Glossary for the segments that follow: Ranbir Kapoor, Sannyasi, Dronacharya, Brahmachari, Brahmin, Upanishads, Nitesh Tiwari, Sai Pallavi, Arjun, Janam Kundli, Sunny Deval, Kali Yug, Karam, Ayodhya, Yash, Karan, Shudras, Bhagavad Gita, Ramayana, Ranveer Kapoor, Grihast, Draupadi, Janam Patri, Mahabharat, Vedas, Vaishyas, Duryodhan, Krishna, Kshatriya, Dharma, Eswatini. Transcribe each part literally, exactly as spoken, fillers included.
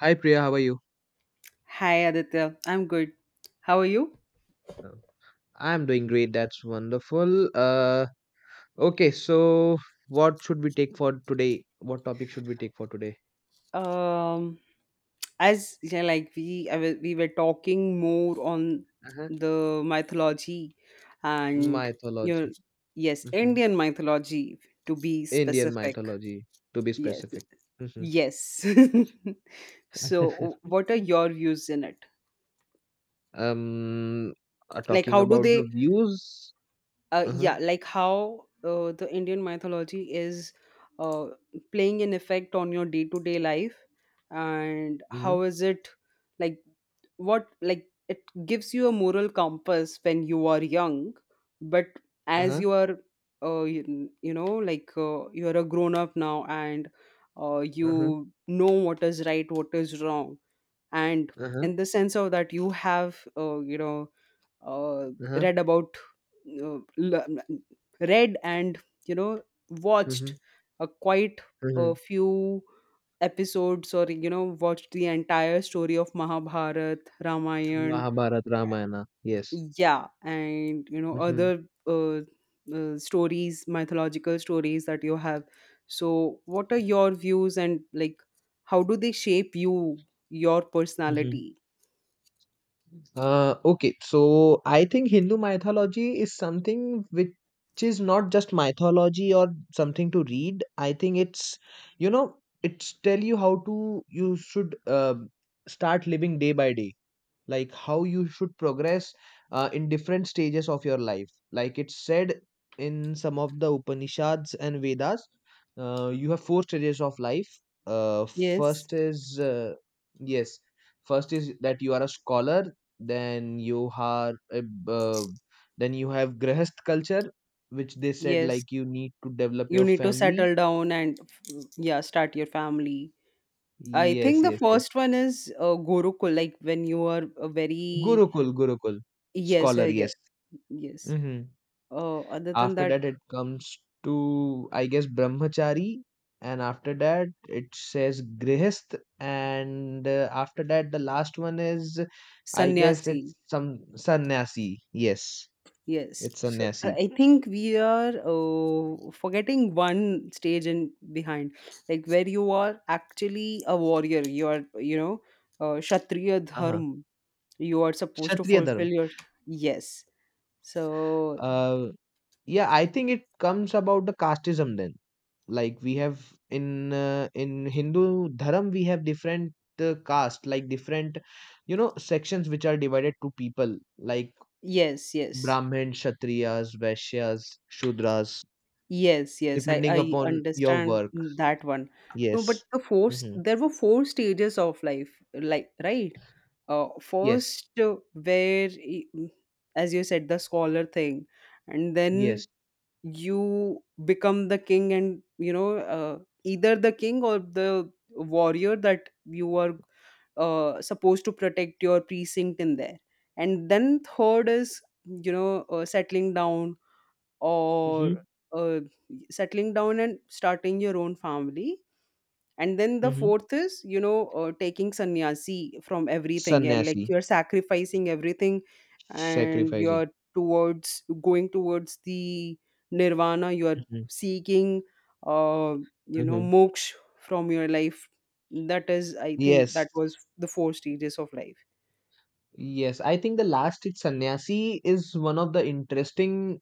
Hi Priya, how are you? Hi Aditya, I'm good. How are you? Oh, I'm doing great. That's wonderful. Uh, okay, so what should we take for today? What topic should we take for today? Um, as yeah, like we I wa- we were talking more on Uh-huh. the mythology and you know, Mythology. yes, Hmm. Indian mythology to be Indian specific. mythology, to be Yes, specific. Hmm. yes. So, what are your views in it? um, uh, Like, Talking how do about they the views. uh, Uh-huh. yeah like how uh, the indian mythology is uh, playing an effect on your day-to-day life and Mm-hmm. how is it like what like it gives you a moral compass when you are young but as Uh-huh. you are uh, you, you know like uh, you're a grown up now and uh, Uh-huh. you know what is right what is wrong and Uh-huh. in the sense of that you have uh, you know uh, Uh-huh. read about uh, l- read and you know Mm-hmm. watched a quite Mm-hmm. a few episodes or you know watched the entire story of Mahabharat, Ramayana, Mahabharata, Ramayana. Yes. yeah, and you know Mm-hmm. other uh, uh, stories, mythological stories that you have. So, what are your views and like how do they shape you, your Mm-hmm. personality? Uh, okay, so I think Hindu mythology is something which is not just mythology or something to read. I think it's, you know, it's tell you how to you should uh, start living day by day, like how you should progress uh, in different stages of your life, like it's said in some of the upanishads and vedas. Uh, you have four stages of life. uh, Yes, First is uh, yes, first is that you are a scholar. Then you are a b- uh, then you have grahast culture, which they said yes, like you need to develop you your need to family. settle down and yeah start your family. I Yes, think the yes, yes. first one is uh, gurukul like when you are a very Gurukul, gurukul. yes uh, Scholar. yeah, Yes. yes Hmm. uh, other than After that that, it comes to, I guess, brahmachari. And after that, it says grihast. And uh, after that, the last one is, I guess, sannyasi it's some sannyasi. Yes, yes. it's so i sannyasi. I think we are uh, forgetting one stage in behind like where you are actually a warrior, you are you know uh, kshatriya Uh-huh. dharma, you are supposed to Kshatriya dharma. fulfill your yes so Uh, yeah, I think it comes about the casteism then. Like we have in uh, in Hindu dharma, we have different uh, caste, like different, you know, sections which are divided to people. Like yes yes. Brahmin, Kshatriyas, Vaishyas, Shudras, Yes, yes, I, depending I upon your understand work. that one. No, but Yes. the four, s- Hmm. there were four stages of life, like, right? Uh, Yes. first, uh, where, y- mm, as you said, the scholar thing, and then Yes. you become the king, and you know, uh, either the king or the warrior that you are uh, supposed to protect your precinct in there. And then third is, you know, uh, settling down or Hmm. uh, settling down and starting your own family, and then the Hmm. fourth is you know uh, taking sannyasi from everything, yeah, like Sannyasi, you're sacrificing everything and sacrificing. you're towards going towards the nirvana, you're Hmm. seeking uh, you know Hmm. moksha from your life. That is I think that Yes. was the four stages of life. Yes. I think the last it's sannyasi is one of the interesting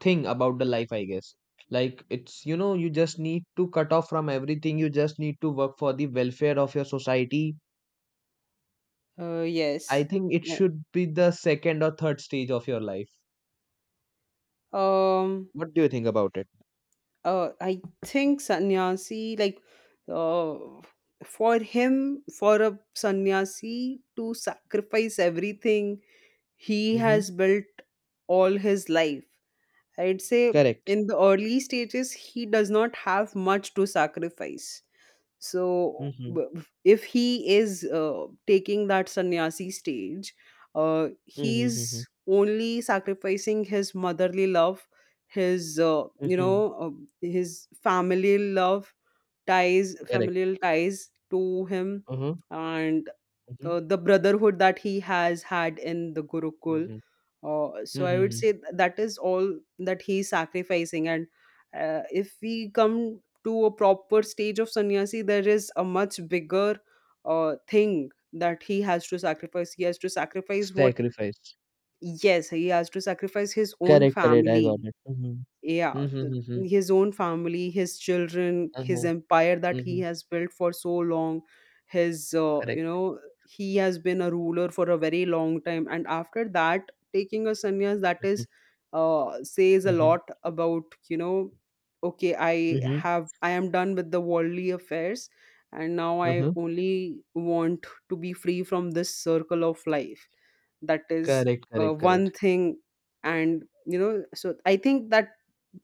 thing about the life, I guess. Like it's you know you just need to cut off from everything. You just need to work for the welfare of your society. uh, I Yes. think it Uh, should be the second or third stage of your life. um What do you think about it? uh, I think sannyasi, like uh, for him, for a sannyasi to sacrifice everything he Mhm. has built all his life, I'd say Correct. in the early stages, he does not have much to sacrifice. So, Mhm. b- b- if he is uh, taking that sannyasi stage, uh, Mhm, mhm, mhm. he's only sacrificing his motherly love, his uh, you Mhm. know uh, his family love ties, Correct. familial ties to him, Uh-huh. and Mhm. uh, the brotherhood that he has had in the Gurukul. Mhm. Uh, so Mhm, I would mhm. say th- that is all that he's sacrificing. And uh, if we come to a proper stage of sannyasi, there is a much bigger uh, thing that he has to sacrifice. He has to sacrifice what? Sacrifice. Yes, he has to sacrifice his own Correct, correct. I got family. it. Mhm. Yeah, Mhm, th- mhm. his own family, his children, his Uh-huh. empire that he Mhm. has built for so long, his, uh, you Correct. know, he has been a ruler for a very long time. And after that, taking a sannyas, that Mhm. is, uh, says a Mhm. lot about, you know, okay, I Mhm. have, I am done with the worldly affairs. And now I Uh-huh. only want to be free from this circle of life. That is Correct, uh, correct, one correct. thing, and you know so I think that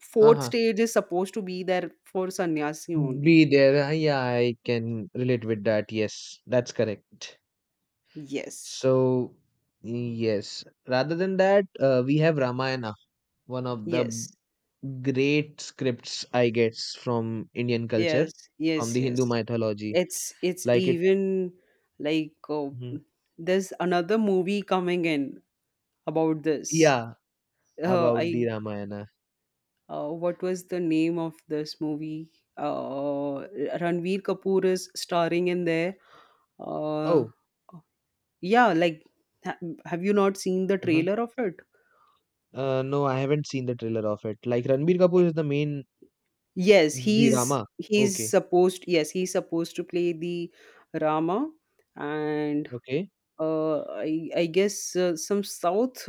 fourth Uh-huh. stage is supposed to be there for sannyasi only. Be there. Uh, Yeah, I can relate with that. Yes, that's correct. Yes, So, yes. Rather than that, uh, we have Ramayana, one of the yes, great scripts, I guess, from Indian culture, yes, from yes, the yes. Hindu mythology. It's it's Like it, even like uh, mhm. there's another movie coming in about this. Yeah, Uh, about I the Ramayana. uh, what was the name of this movie? Uh, Ranveer Kapoor is starring in there. Uh, Oh, yeah, like ha- have you not seen the uh-huh. trailer of it? Uh no, I haven't seen the trailer of it. Like Ranbir Kapoor is the main, Yes, the he's Rama. he's Okay, supposed, yes, he's supposed to play the Rama, and okay. uh, I I guess uh, some South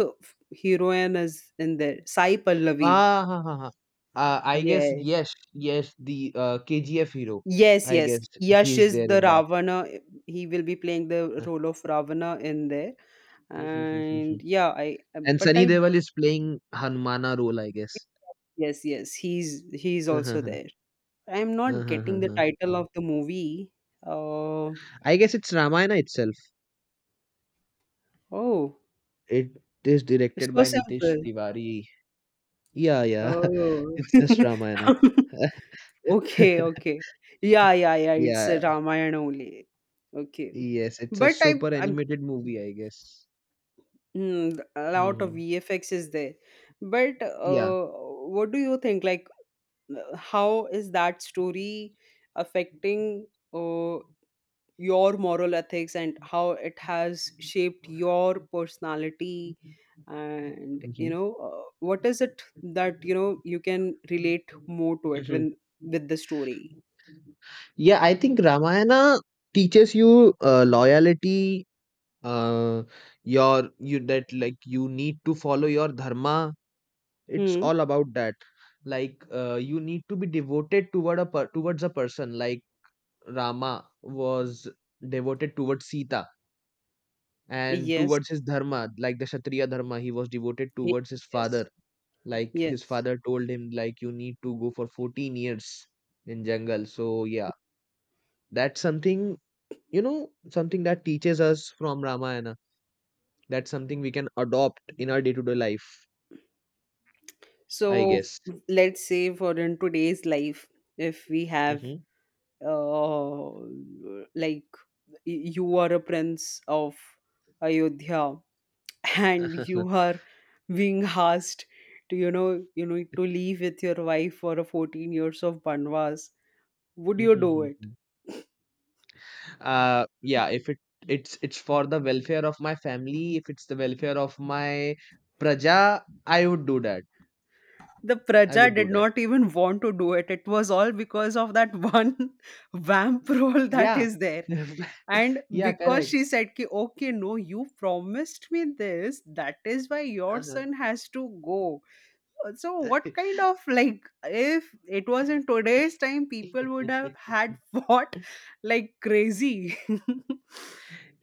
heroine is in there. Sai Pallavi. Ah, ha, ha, ha. Uh, I guess, Yeah. yes, yes, the uh, K G F hero, Yes, I yes. guess. Yash He's is there the in that. Ravana. He will be playing the Uh, role of Ravana in there. mhm, mhm, mhm. And yeah, I And but Sunny I Deval is playing Hanumana role, I guess. yes, yes, he's he's Uh-huh. also Uh-huh, there. I'm not uh-huh. getting the Uh-huh. title of the movie. Uh, I guess it's Ramayana itself. oh, It is it's directed so by Nitesh simple. Tiwari. Yeah, yeah. Oh. It's just Ramayana. Okay, okay. Yeah, yeah, yeah. It's a Yeah. Ramayana only. Okay. Yes, it's a But I, super I'm animated movie, I guess. mm, a lot of Hmm. V F X is there. But Yeah. uh, what do you think? Like, uh, how is that story affecting? Uh, your moral ethics and how it has shaped your personality and Hmm. you know uh, what is it that you know you can relate more to it Hmm. when with the story. Yeah, I think Ramayana teaches you uh, loyalty, uh, your you that like you need to follow your dharma. It's Hmm, all about that. Like uh, you need to be devoted toward a per- towards a person. Like Rama was devoted towards Sita, and yes. towards his dharma, like the kshatriya dharma. He was devoted Ye- towards his yes father. Like his yes. father told him like you need to go for 14 years in jungle, so yeah, that's something, you know, something that teaches us from Ramayana. That's something we can adopt in our day-to-day life, So I guess. f- let's say for in today's life, if we have uh like y- you are a prince of ayodhya and you are being asked to you know you know to leave with your wife for a fourteen years of banwas. Would you do it? Mm-hmm. Uh yeah, if it it's it's for the welfare of my family, if it's the welfare of my praja, I would do that. The I praja would do did that. not even want to do it, it was all because of that one vamp role that Yeah. is there, and Yeah, because correct. she said ki okay no you promised me this that is why your Uh-huh. son has to go. Uh, So what kind of, like, if it was in today's time, people would have had fought like crazy.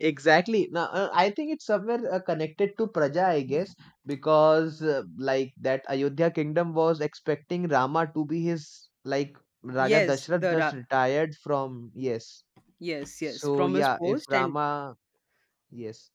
Exactly. Now uh, I think it's somewhere uh, connected to praja, I guess. Because uh, like that Ayodhya kingdom was expecting Rama to be his, like Raja Yes, Dashrath the just ra- retired from, yes, yes, yes, so from his yeah, if post. and Rama, yes.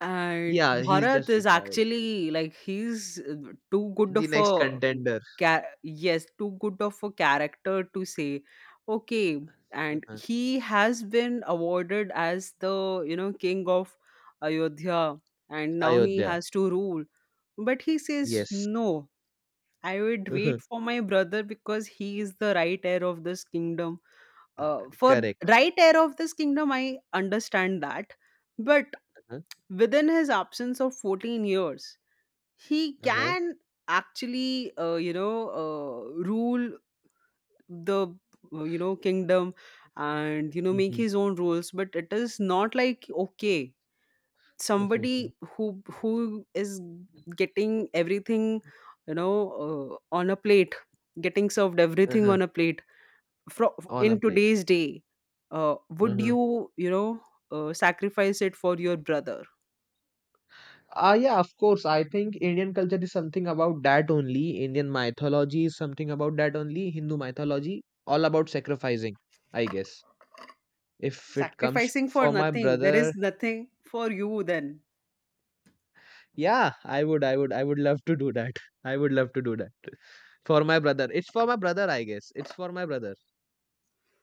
And Yeah, he's Bharat just is retired. actually like he's uh, too good The of next a contender. ca- yes, too good of a character to say okay. And uh he has been awarded as the you know king of Ayodhya, and now he Ayodhya. has to rule. But he says Yes. no. I would Uh-huh. wait for my brother because he is the right heir of this kingdom. Uh, Uh, for Correct. right heir of this kingdom, I understand that, but Uh-huh. within his absence of fourteen years he Uh-huh. can actually uh, you know uh, rule the uh, you know kingdom, and you know make Mhm. his own rules, but it is not like okay Mhm. somebody who who is getting everything you know uh, on a plate, getting served everything Uh-huh. on a plate fro- On a in plate. today's day, uh, would Uh-huh. you you know uh, sacrifice it for your brother? Ah, yeah, of course. I think Indian culture is something about that only. Indian mythology is something about that only. Hindu mythology, all about sacrificing, I guess. If it comes Sacrificing for for my nothing, there brother, is nothing for you then. yeah, I would, I would, I would love to do that. I would love to do that. For my brother. It's for my brother, I guess. It's for my brother.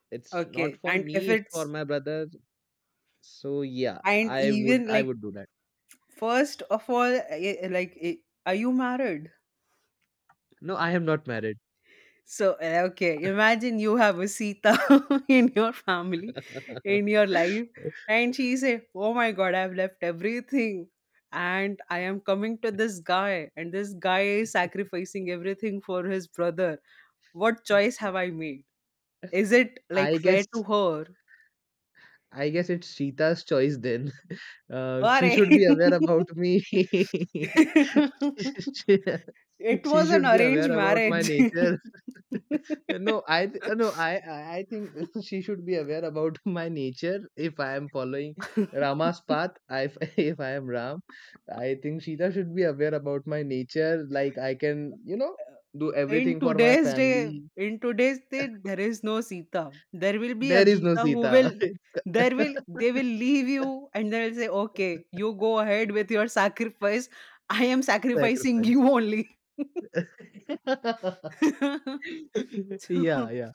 It's not Okay, for and if me, it's for it's, my brother. So yeah, and I would, even I like would do that. first of all eh, eh, like eh, are you married? No, I am not married. So eh, okay, imagine you have a sita in your family, in your life, and she say oh my god I've left everything and I am coming to this guy and this guy is sacrificing everything for his brother, what choice have I made, is it like I fair guess to her? I guess it's Sita's choice then. Uh, she Arey. should be aware about me. She It she was an should be arranged aware about my marriage. nature. No, I th- no, I I I think she should be aware about my nature. If I am following Rama's path, I, if if I am Ram, I think Sita should be aware about my nature. Like I can, you know, do In everything for my today's day, family. in today's day, there is no Sita. There will be a There is no Geeta who will Sita. there will they will leave you and they'll say, "Okay, you go ahead with your sacrifice. I am sacrificing you Sacrifice. only." Yeah, So, yeah,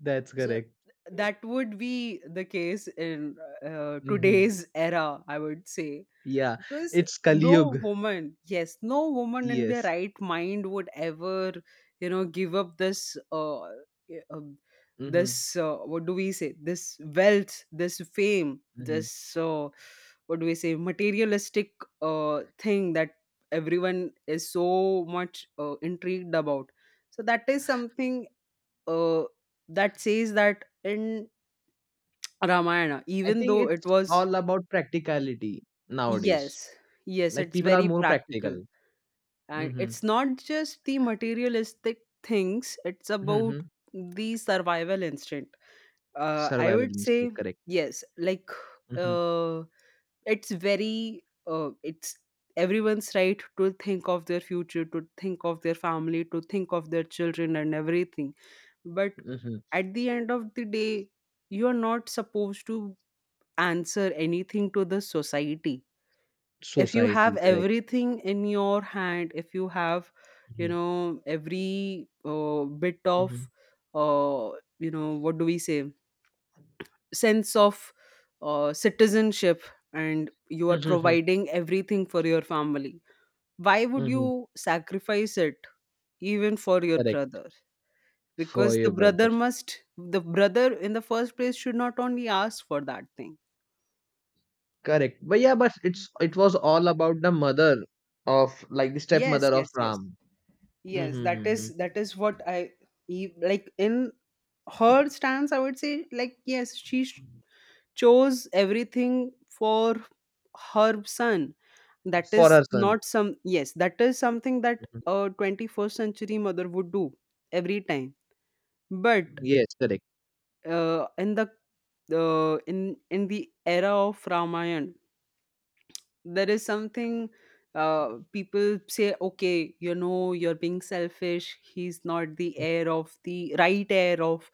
that's so correct. th- that would be the case in uh, uh, Hmm. today's era, I would say. Yeah, Because it's Kali no Yug. woman, yes, no woman in their Yes. right mind would ever, you know, give up this, uh, uh, Hmm. this, uh, what do we say, this wealth, this fame, Hmm. this, uh, what do we say, materialistic uh, thing that everyone is so much uh, intrigued about. So that is something uh, that says that in Ramayana, I even think though it it's was, all about practicality nowadays. yes, yes, Like it's people are very more practical. practical. And Hmm. it's not just the materialistic things, it's about Hmm. the survival instinct. Uh, I Survival would say, instinct, correct. yes, like, Hmm. uh, it's very, uh, it's everyone's right to think of their future, to think of their family, to think of their children and everything, but Hmm. at the end of the day you are not supposed to answer anything to the society if you have Society, correct. everything in your hand, if you have you Hmm. know every uh, bit of Hmm. uh, you know what do we say sense of uh, citizenship, and you are Hmm. providing everything for your family, why would Hmm. you sacrifice it even for your Correct. brother, For because the your brother brother, must the brother in the first place should not only ask for that thing. correct. But yeah, but it's, it was all about the mother, of like the Yes, stepmother of yes, yes, Ram. Hmm. yes, that is Hmm. that is what I e- like in her stance I would say, like yes she sh- chose everything for her son, that For is her son. not some yes that is something that Mm-hmm. a twenty-first century mother would do every time. But Yes, correct. uh, in the uh, in in the era of ramayana there is something uh, people say okay you know you're being selfish, he's not the Mm. heir of the right heir of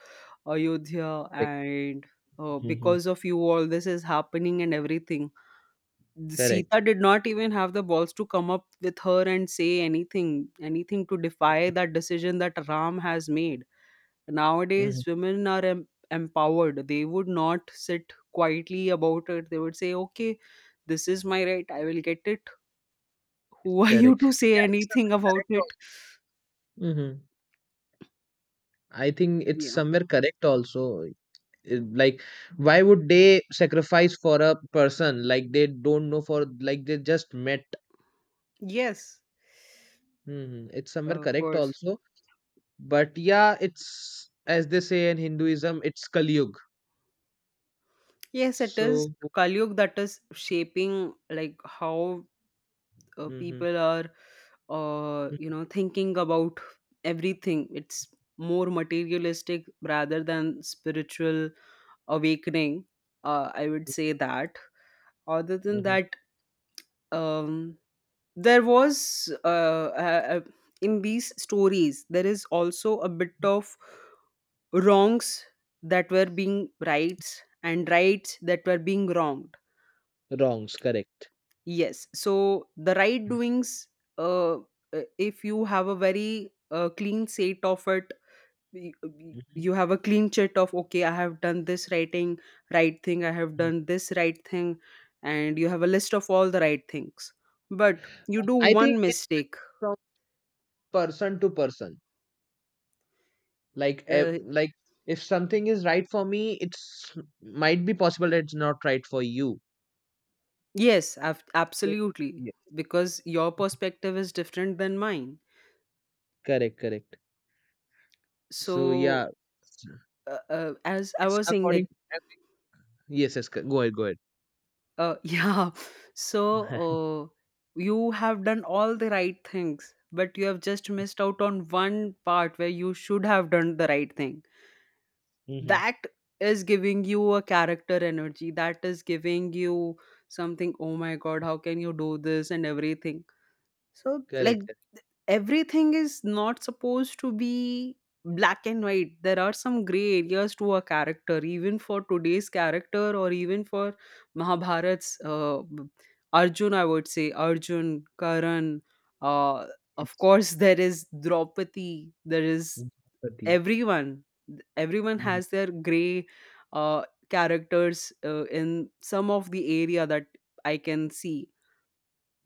ayodhya, Correct. and uh, Mm-hmm. because of you all this is happening and everything. The Correct. sita did not even have the balls to come up with her and say anything anything to defy that decision that ram has made. Mm-hmm. Nowadays women are em- empowered, they would not sit quietly about it, they would say okay this is my right I will get it, who are you Correct. to Yeah, say it's anything somewhere about correct it? also. Mm-hmm. I think it's Yeah. somewhere correct also. Uh, Like, why would they sacrifice for a person like they don't know, for like they just met? Yes, Mm-hmm. It's somewhere of correct course. also. But yeah, it's, as they say in Hinduism, it's Kali Yug. Yes, it is So, Kali Yug that is shaping like how uh, mm-hmm. people are, uh, you Mm-hmm. know, thinking about everything. It's more materialistic rather than spiritual awakening. Uh, I would say that. Other than Mm-hmm. that, um, there was uh, uh, uh, in these stories there is also a bit of wrongs that were being rights and rights that were being wronged. Wrongs, correct. Yes, so the right doings, uh, uh, if you have a very uh, clean slate of it, y- y- Mm-hmm. you have a clean sheet of, okay, I have done this writing right thing, I have done this right thing, and you have a list of all the right things, but you do I think one it's mistake. from person to person. Like eh, uh, like, if something is right for me, it's might be possible that it's not right for you. yes, ab- So absolutely, yes, because your perspective is different than mine. correct, correct. So So, yeah, it's uh, uh, as I it's was saying, according like, to every-, yes, yes, co- go ahead, go ahead. uh, yeah, so uh, you have done all the right things, but you have just missed out on one part where you should have done the right thing. Mm-hmm. That is giving you a character energy. That is giving you something, oh my God, how can you do this and everything. So, like, Correct, correct. everything is not supposed to be black and white. There are some gray areas to a character, even for today's character or even for mahabharat's uh, arjun, I would say, arjun, karan. uh, of Yes. course, there is draupadi, there is Empathy. everyone. Everyone Hmm. has their gray uh, characters uh, in some of the area that I can see.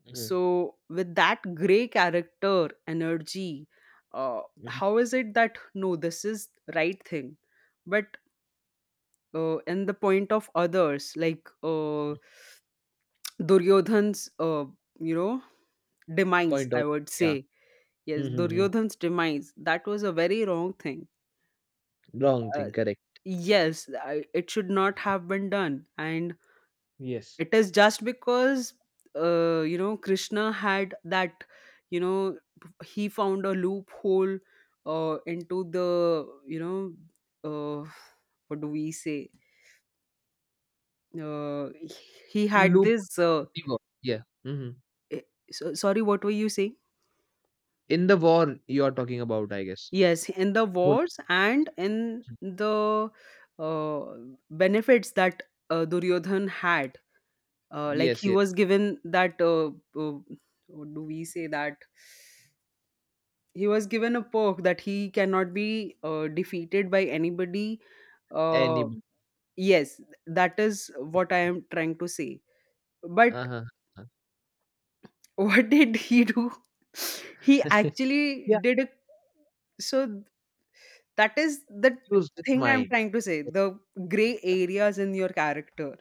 Hmm. So, with that gray character energy, uh, Hmm. how is it that, no, this is right thing, but uh, in the point of others, like, uh, Duryodhan's, uh, you know, demise, Point I out, would yeah, say. Yes, mm-hmm. Duryodhan's demise. That was a very wrong thing. Wrong Uh, thing, correct. yes, I, it should not have been done. And Yes. it is just because uh, you know Krishna had that, you know, he found a loophole uh, into the, you know, uh, what do we say, uh, he had Loophole this uh, in the war, yeah, mm-hmm. eh, so, sorry, what were you saying? In the war you are talking about, I guess. Yes, in the Loophole. wars and in the uh, benefits that uh, duryodhan had, uh, like, Yes, he yes. was given that uh, uh, what do we say, that he was given a perk that he cannot be uh, defeated by anybody. Uh, Enemy. yes, that is what I am trying to say. But Uh-huh. what did he do? He Uh-huh. actually did a, so that is the Confused with thing I'm mine. trying to say. Yes. The gray areas in your character.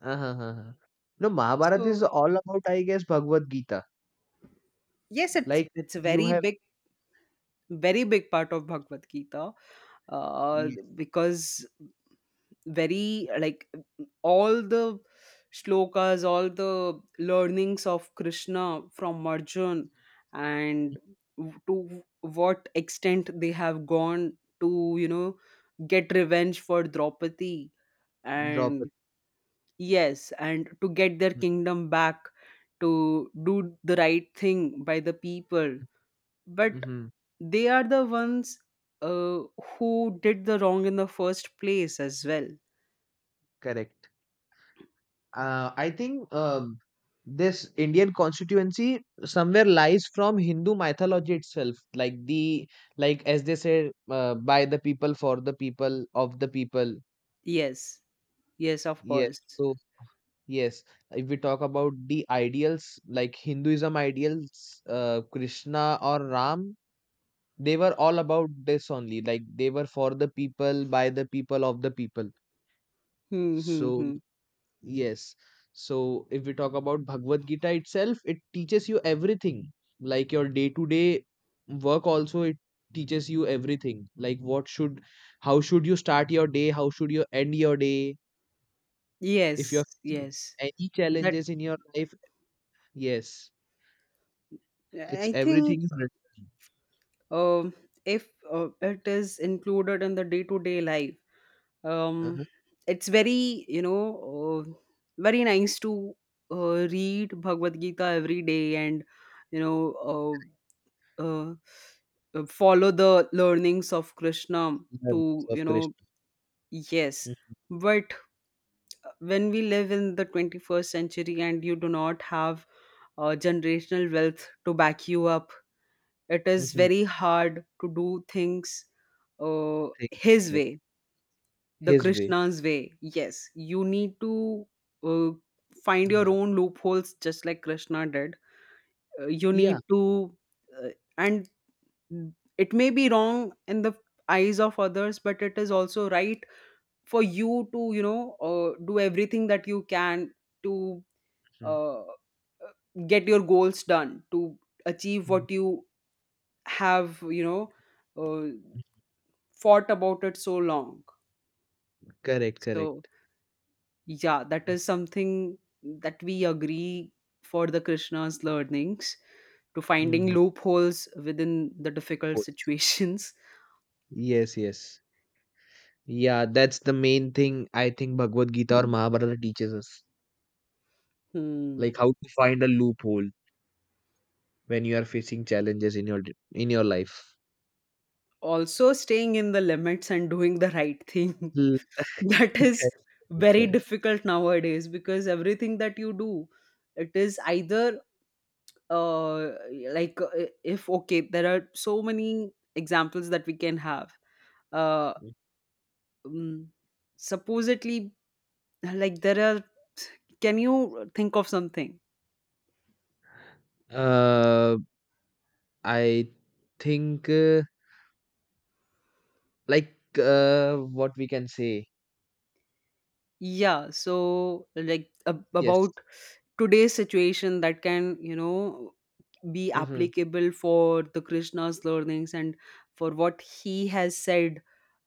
Uh-huh, uh-huh. No, Mahabharata is So all about, I guess, Bhagavad Gita. yes, it's Like it's a you very have, big, very big part of Bhagavad Gita, uh, yes, because, very like, all the shlokas, all the learnings of Krishna from Marjun, and to what extent they have gone to, you know, get revenge for Draupadi, and Draupadi. yes, and to get their Mm-hmm. kingdom back, to do the right thing by the people. But Mm-hmm. they are the ones uh, who did the wrong in the first place as well. Correct. Uh, I think um, this Indian constituency somewhere lies from Hindu mythology itself. Like the, like as they say, uh, by the people, for the people, of the people. Yes. Yes, of Yes. course. So yes, if we talk about the ideals, like Hinduism ideals, uh, Krishna or Ram, they were all about this only. Like they were for the people, by the people, of the people. Hmm, hmm, So hmm. yes. So if we talk about Bhagavad Gita itself, it teaches you everything, like your day to day work also. It teaches you everything, like what should, how should you start your day, how should you end your day, if Yes, you're facing yes. any That challenges in your life. Yes, it's, I think, everything is written. um, if uh, it is included in the day-to-day life, um, Uh-huh. it's very, you know, uh, very nice to uh, read Bhagavad Gita every day and, you know, uh, uh, uh, follow the learnings of Krishna Learnings to, of you know, Krishna. yes. Mhm. But when we live in the twenty-first century and you do not have uh, generational wealth to back you up, it is Mhm. very hard to do things uh, Things, his correct. way, the His way. krishna's way. Yes, you need to uh, find your Uh-huh. own loopholes just like krishna did. Uh, you need Yeah. to uh, and it may be wrong in the eyes of others, but it is also right for you to, you know, uh, do everything that you can to Mhm. uh, uh, get your goals done, to achieve Mhm. what you have, you know, uh, fought about it so long. Correct, So correct. yeah, that is something that we agree, for the krishna's learnings, to finding Mhm. loopholes within the difficult Both. situations. Yes, yes. Yeah, that's the main thing I think Bhagavad Gita or Mahabharata teaches us. Hmm. Like how to find a loophole when you are facing challenges in your d- in your life. Also staying in the limits and doing the right thing, Mm, that is correct, very correct. difficult nowadays, because everything that you do, it is either uh like uh, if, okay, there are so many examples that we can have. uh mm, supposedly, like, there are, can you think of something? Uh, I think uh, like uh, what we can say. Yeah, so like, ab- Yes. about today's situation that can, you know, be Mm-hmm. applicable for the krishna's learnings and for what he has said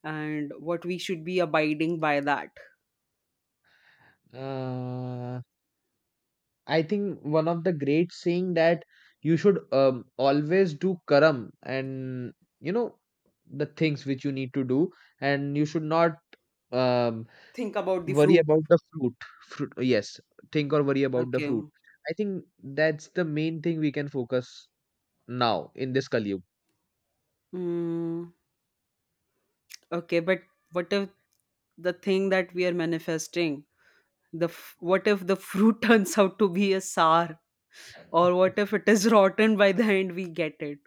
and what we should be abiding by that. I think one of the great saying that you should um, always do karam, and you know, the things which you need to do, and you should not um, Think about the worry fruit. about the fruit. Fruit, yes, think or worry about the Okay. fruit. I think that's the main thing we can focus now in this Kali. mm, okay, but what if the thing that we are manifesting, the f- what if the fruit turns out to be a sour, or what if it is rotten by the end we get it?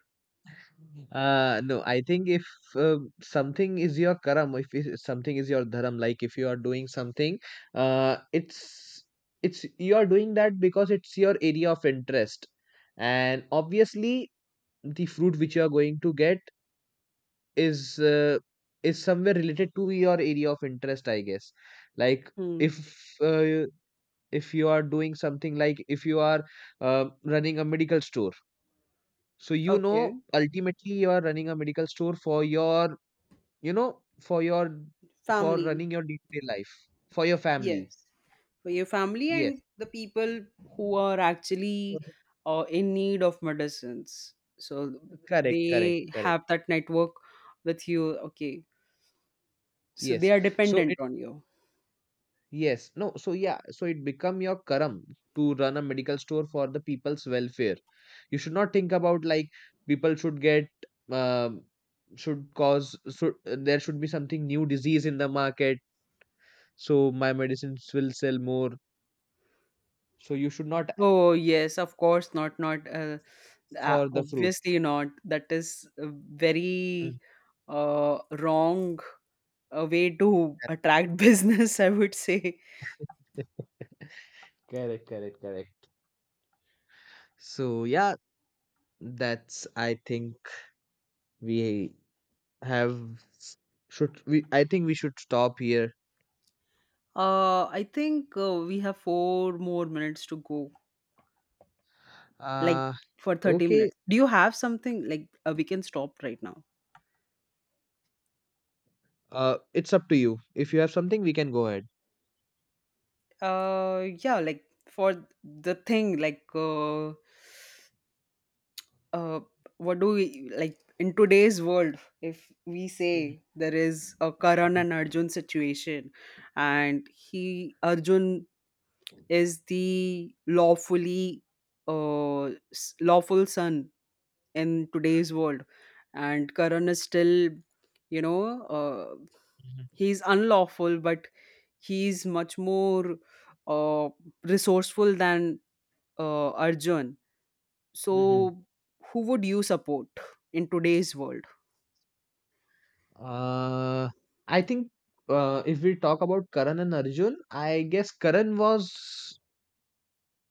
Uh, no, I think if uh, something is your karam, if it- something is your dharam, like if you are doing something, uh, it's it's you are doing that because it's your area of interest, and obviously the fruit which you are going to get is uh, is somewhere related to your area of interest, I guess. Like Hmm. if uh, if you are doing something, like if you are uh, running a medical store. So you Okay. know, ultimately you are running a medical store for your, you know, for your, for Family. running your day-to-day life, for your family. Yes, for your family and Yes. the people who are actually Mhm. uh, in need of medicines. So Correct, correct, they correct. have that network with you. Okay. So they Yes. are So dependent it, on you. yes. No, so yeah, so it become your karam to run a medical store for the people's welfare. You should not think about like people should get, um should cause, should there should be something new disease in the market, so my medicines will sell more. So you should not ask Oh, yes, of course not. Not uh, uh, for the fruit. obviously not. That is a Mm, very uh, wrong uh, way to correct. attract business, I would say. Correct, correct, correct. So yeah, that's, I think we have, should we, I think we should stop here. Uh, I think uh, we have four more minutes to go. Like, Uh for thirty okay. minutes do you have something, like, uh, we can stop right now? Uh it's up to you. If you have something, we can go ahead. uh yeah, like, for the thing, like, uh uh what do we like in today's world if we Mhm, say there is a karan and arjun situation, and he, arjun, is the lawfully uh s- lawful son in today's world, and karan is still, you know, uh, mhm, he's unlawful, but he's much more uh, resourceful than uh, arjun. So mhm. who would you support in today's world? Uh I think uh if we talk about Karan and Arjun, I guess Karan was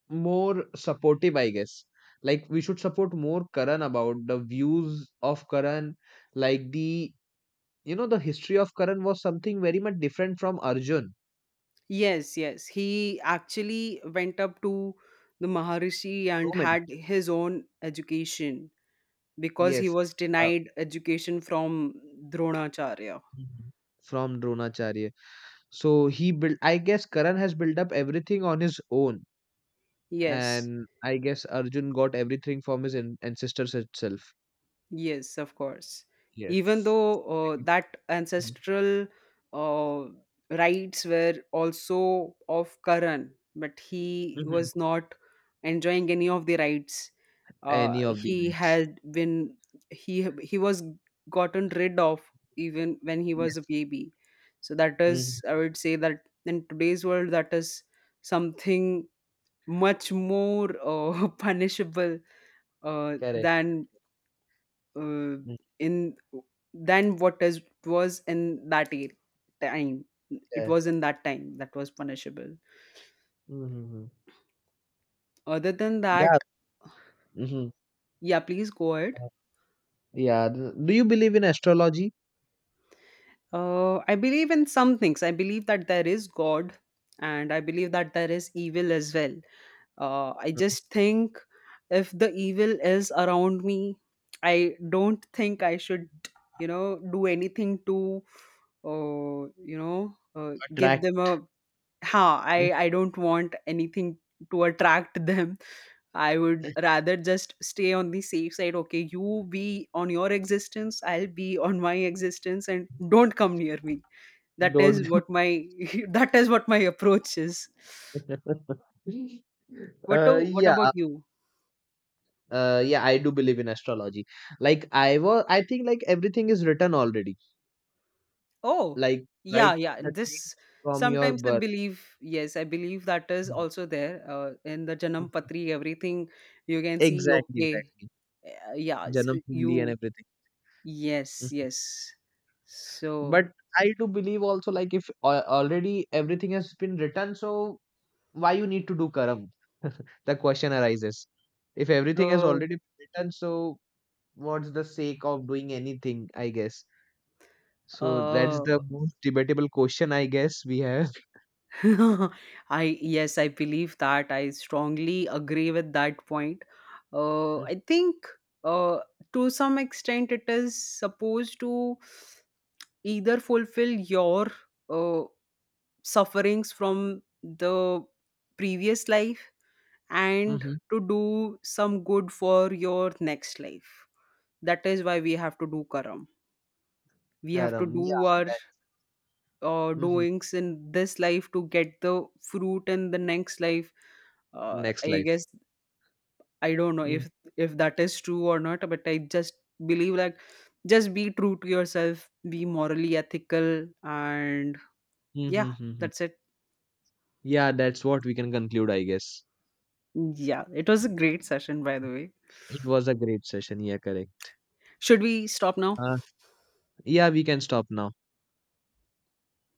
more supportive, I guess. Like we should support more Karan about the views of Karan, like the, you know, the history of Karan was something very much different from Arjun. Yes, yes, he actually went up to the maharishi So and many. had his own education because he Yes. was Uh, denied education from dronacharya. mhm. From Dronacharya. So he built, I guess Karan has built up everything on his own. Yes. And I guess Arjun got everything from his an- ancestors itself. Yes, of course. Even Yes. though uh, Mhm. that ancestral uh, rights were also of Karan, but he Mhm. was not enjoying any of the rights. Uh, Any of the he knights. had been, he he was gotten rid of even when he was a Yes. baby. So that is, Hmm. I would say, that in today's world, that is something much more uh, punishable uh, Correct. than uh, Mm, in, than what is was in that year, time. It yeah. was in that time that was punishable. Hmm. Other than Yeah. that, Hmm. yeah, please go ahead. Yeah. th- Do you believe in astrology? Uh, I believe in some things. I believe that there is God, and I believe that there is evil as well. Uh, I Mhm. just think, if the evil is around me, I don't think I should, you know, do anything to, uh, you know, uh, give Attract. them a, ha, Mhm. I I don't want anything to attract them. I would rather just stay on the safe side. Okay, you be on your existence, I'll be on my existence, and don't come near me. That is Don't. what my that is what my approach is. What to, Uh, what yeah. about you? Uh yeah, I do believe in astrology. Like I was, I think like everything is written already, Oh, like yeah, right, yeah. the time This, from your sometimes I birth. believe, yes, I believe that is Mhm. also there uh, in the Janam Mhm. Patri. Everything you can see. Exactly, Okay, exactly. uh, yeah, s- Janam kundli and you, everything. yes, Mhm. yes. So, But I do believe also like if al- already everything has been written, so why you need to do karam? The question arises, if everything has uh, already been written, so what's the sake of doing anything, I guess? So that's uh, the most debatable question, I guess, we have. I, yes, I believe that. I strongly agree with that point. Uh, I think uh, to some extent it is supposed to either fulfill your uh, sufferings from the previous life and Mhm. to do some good for your next life. That is why we have to do karam. We have to Karam, yeah, do our that, uh, mhm, doings in this life to get the fruit in the next life, uh, next I life. guess. I don't know Mm, if if that is true or not, but I just believe, like, just be true to yourself, be morally ethical, and mm, mm, yeah, mm, mm. that's it. Yeah, that's what we can conclude, I guess. Yeah, it was a great session, by the way. It was a great session. Yeah, correct. Should we stop now? Uh, yeah, we can stop now.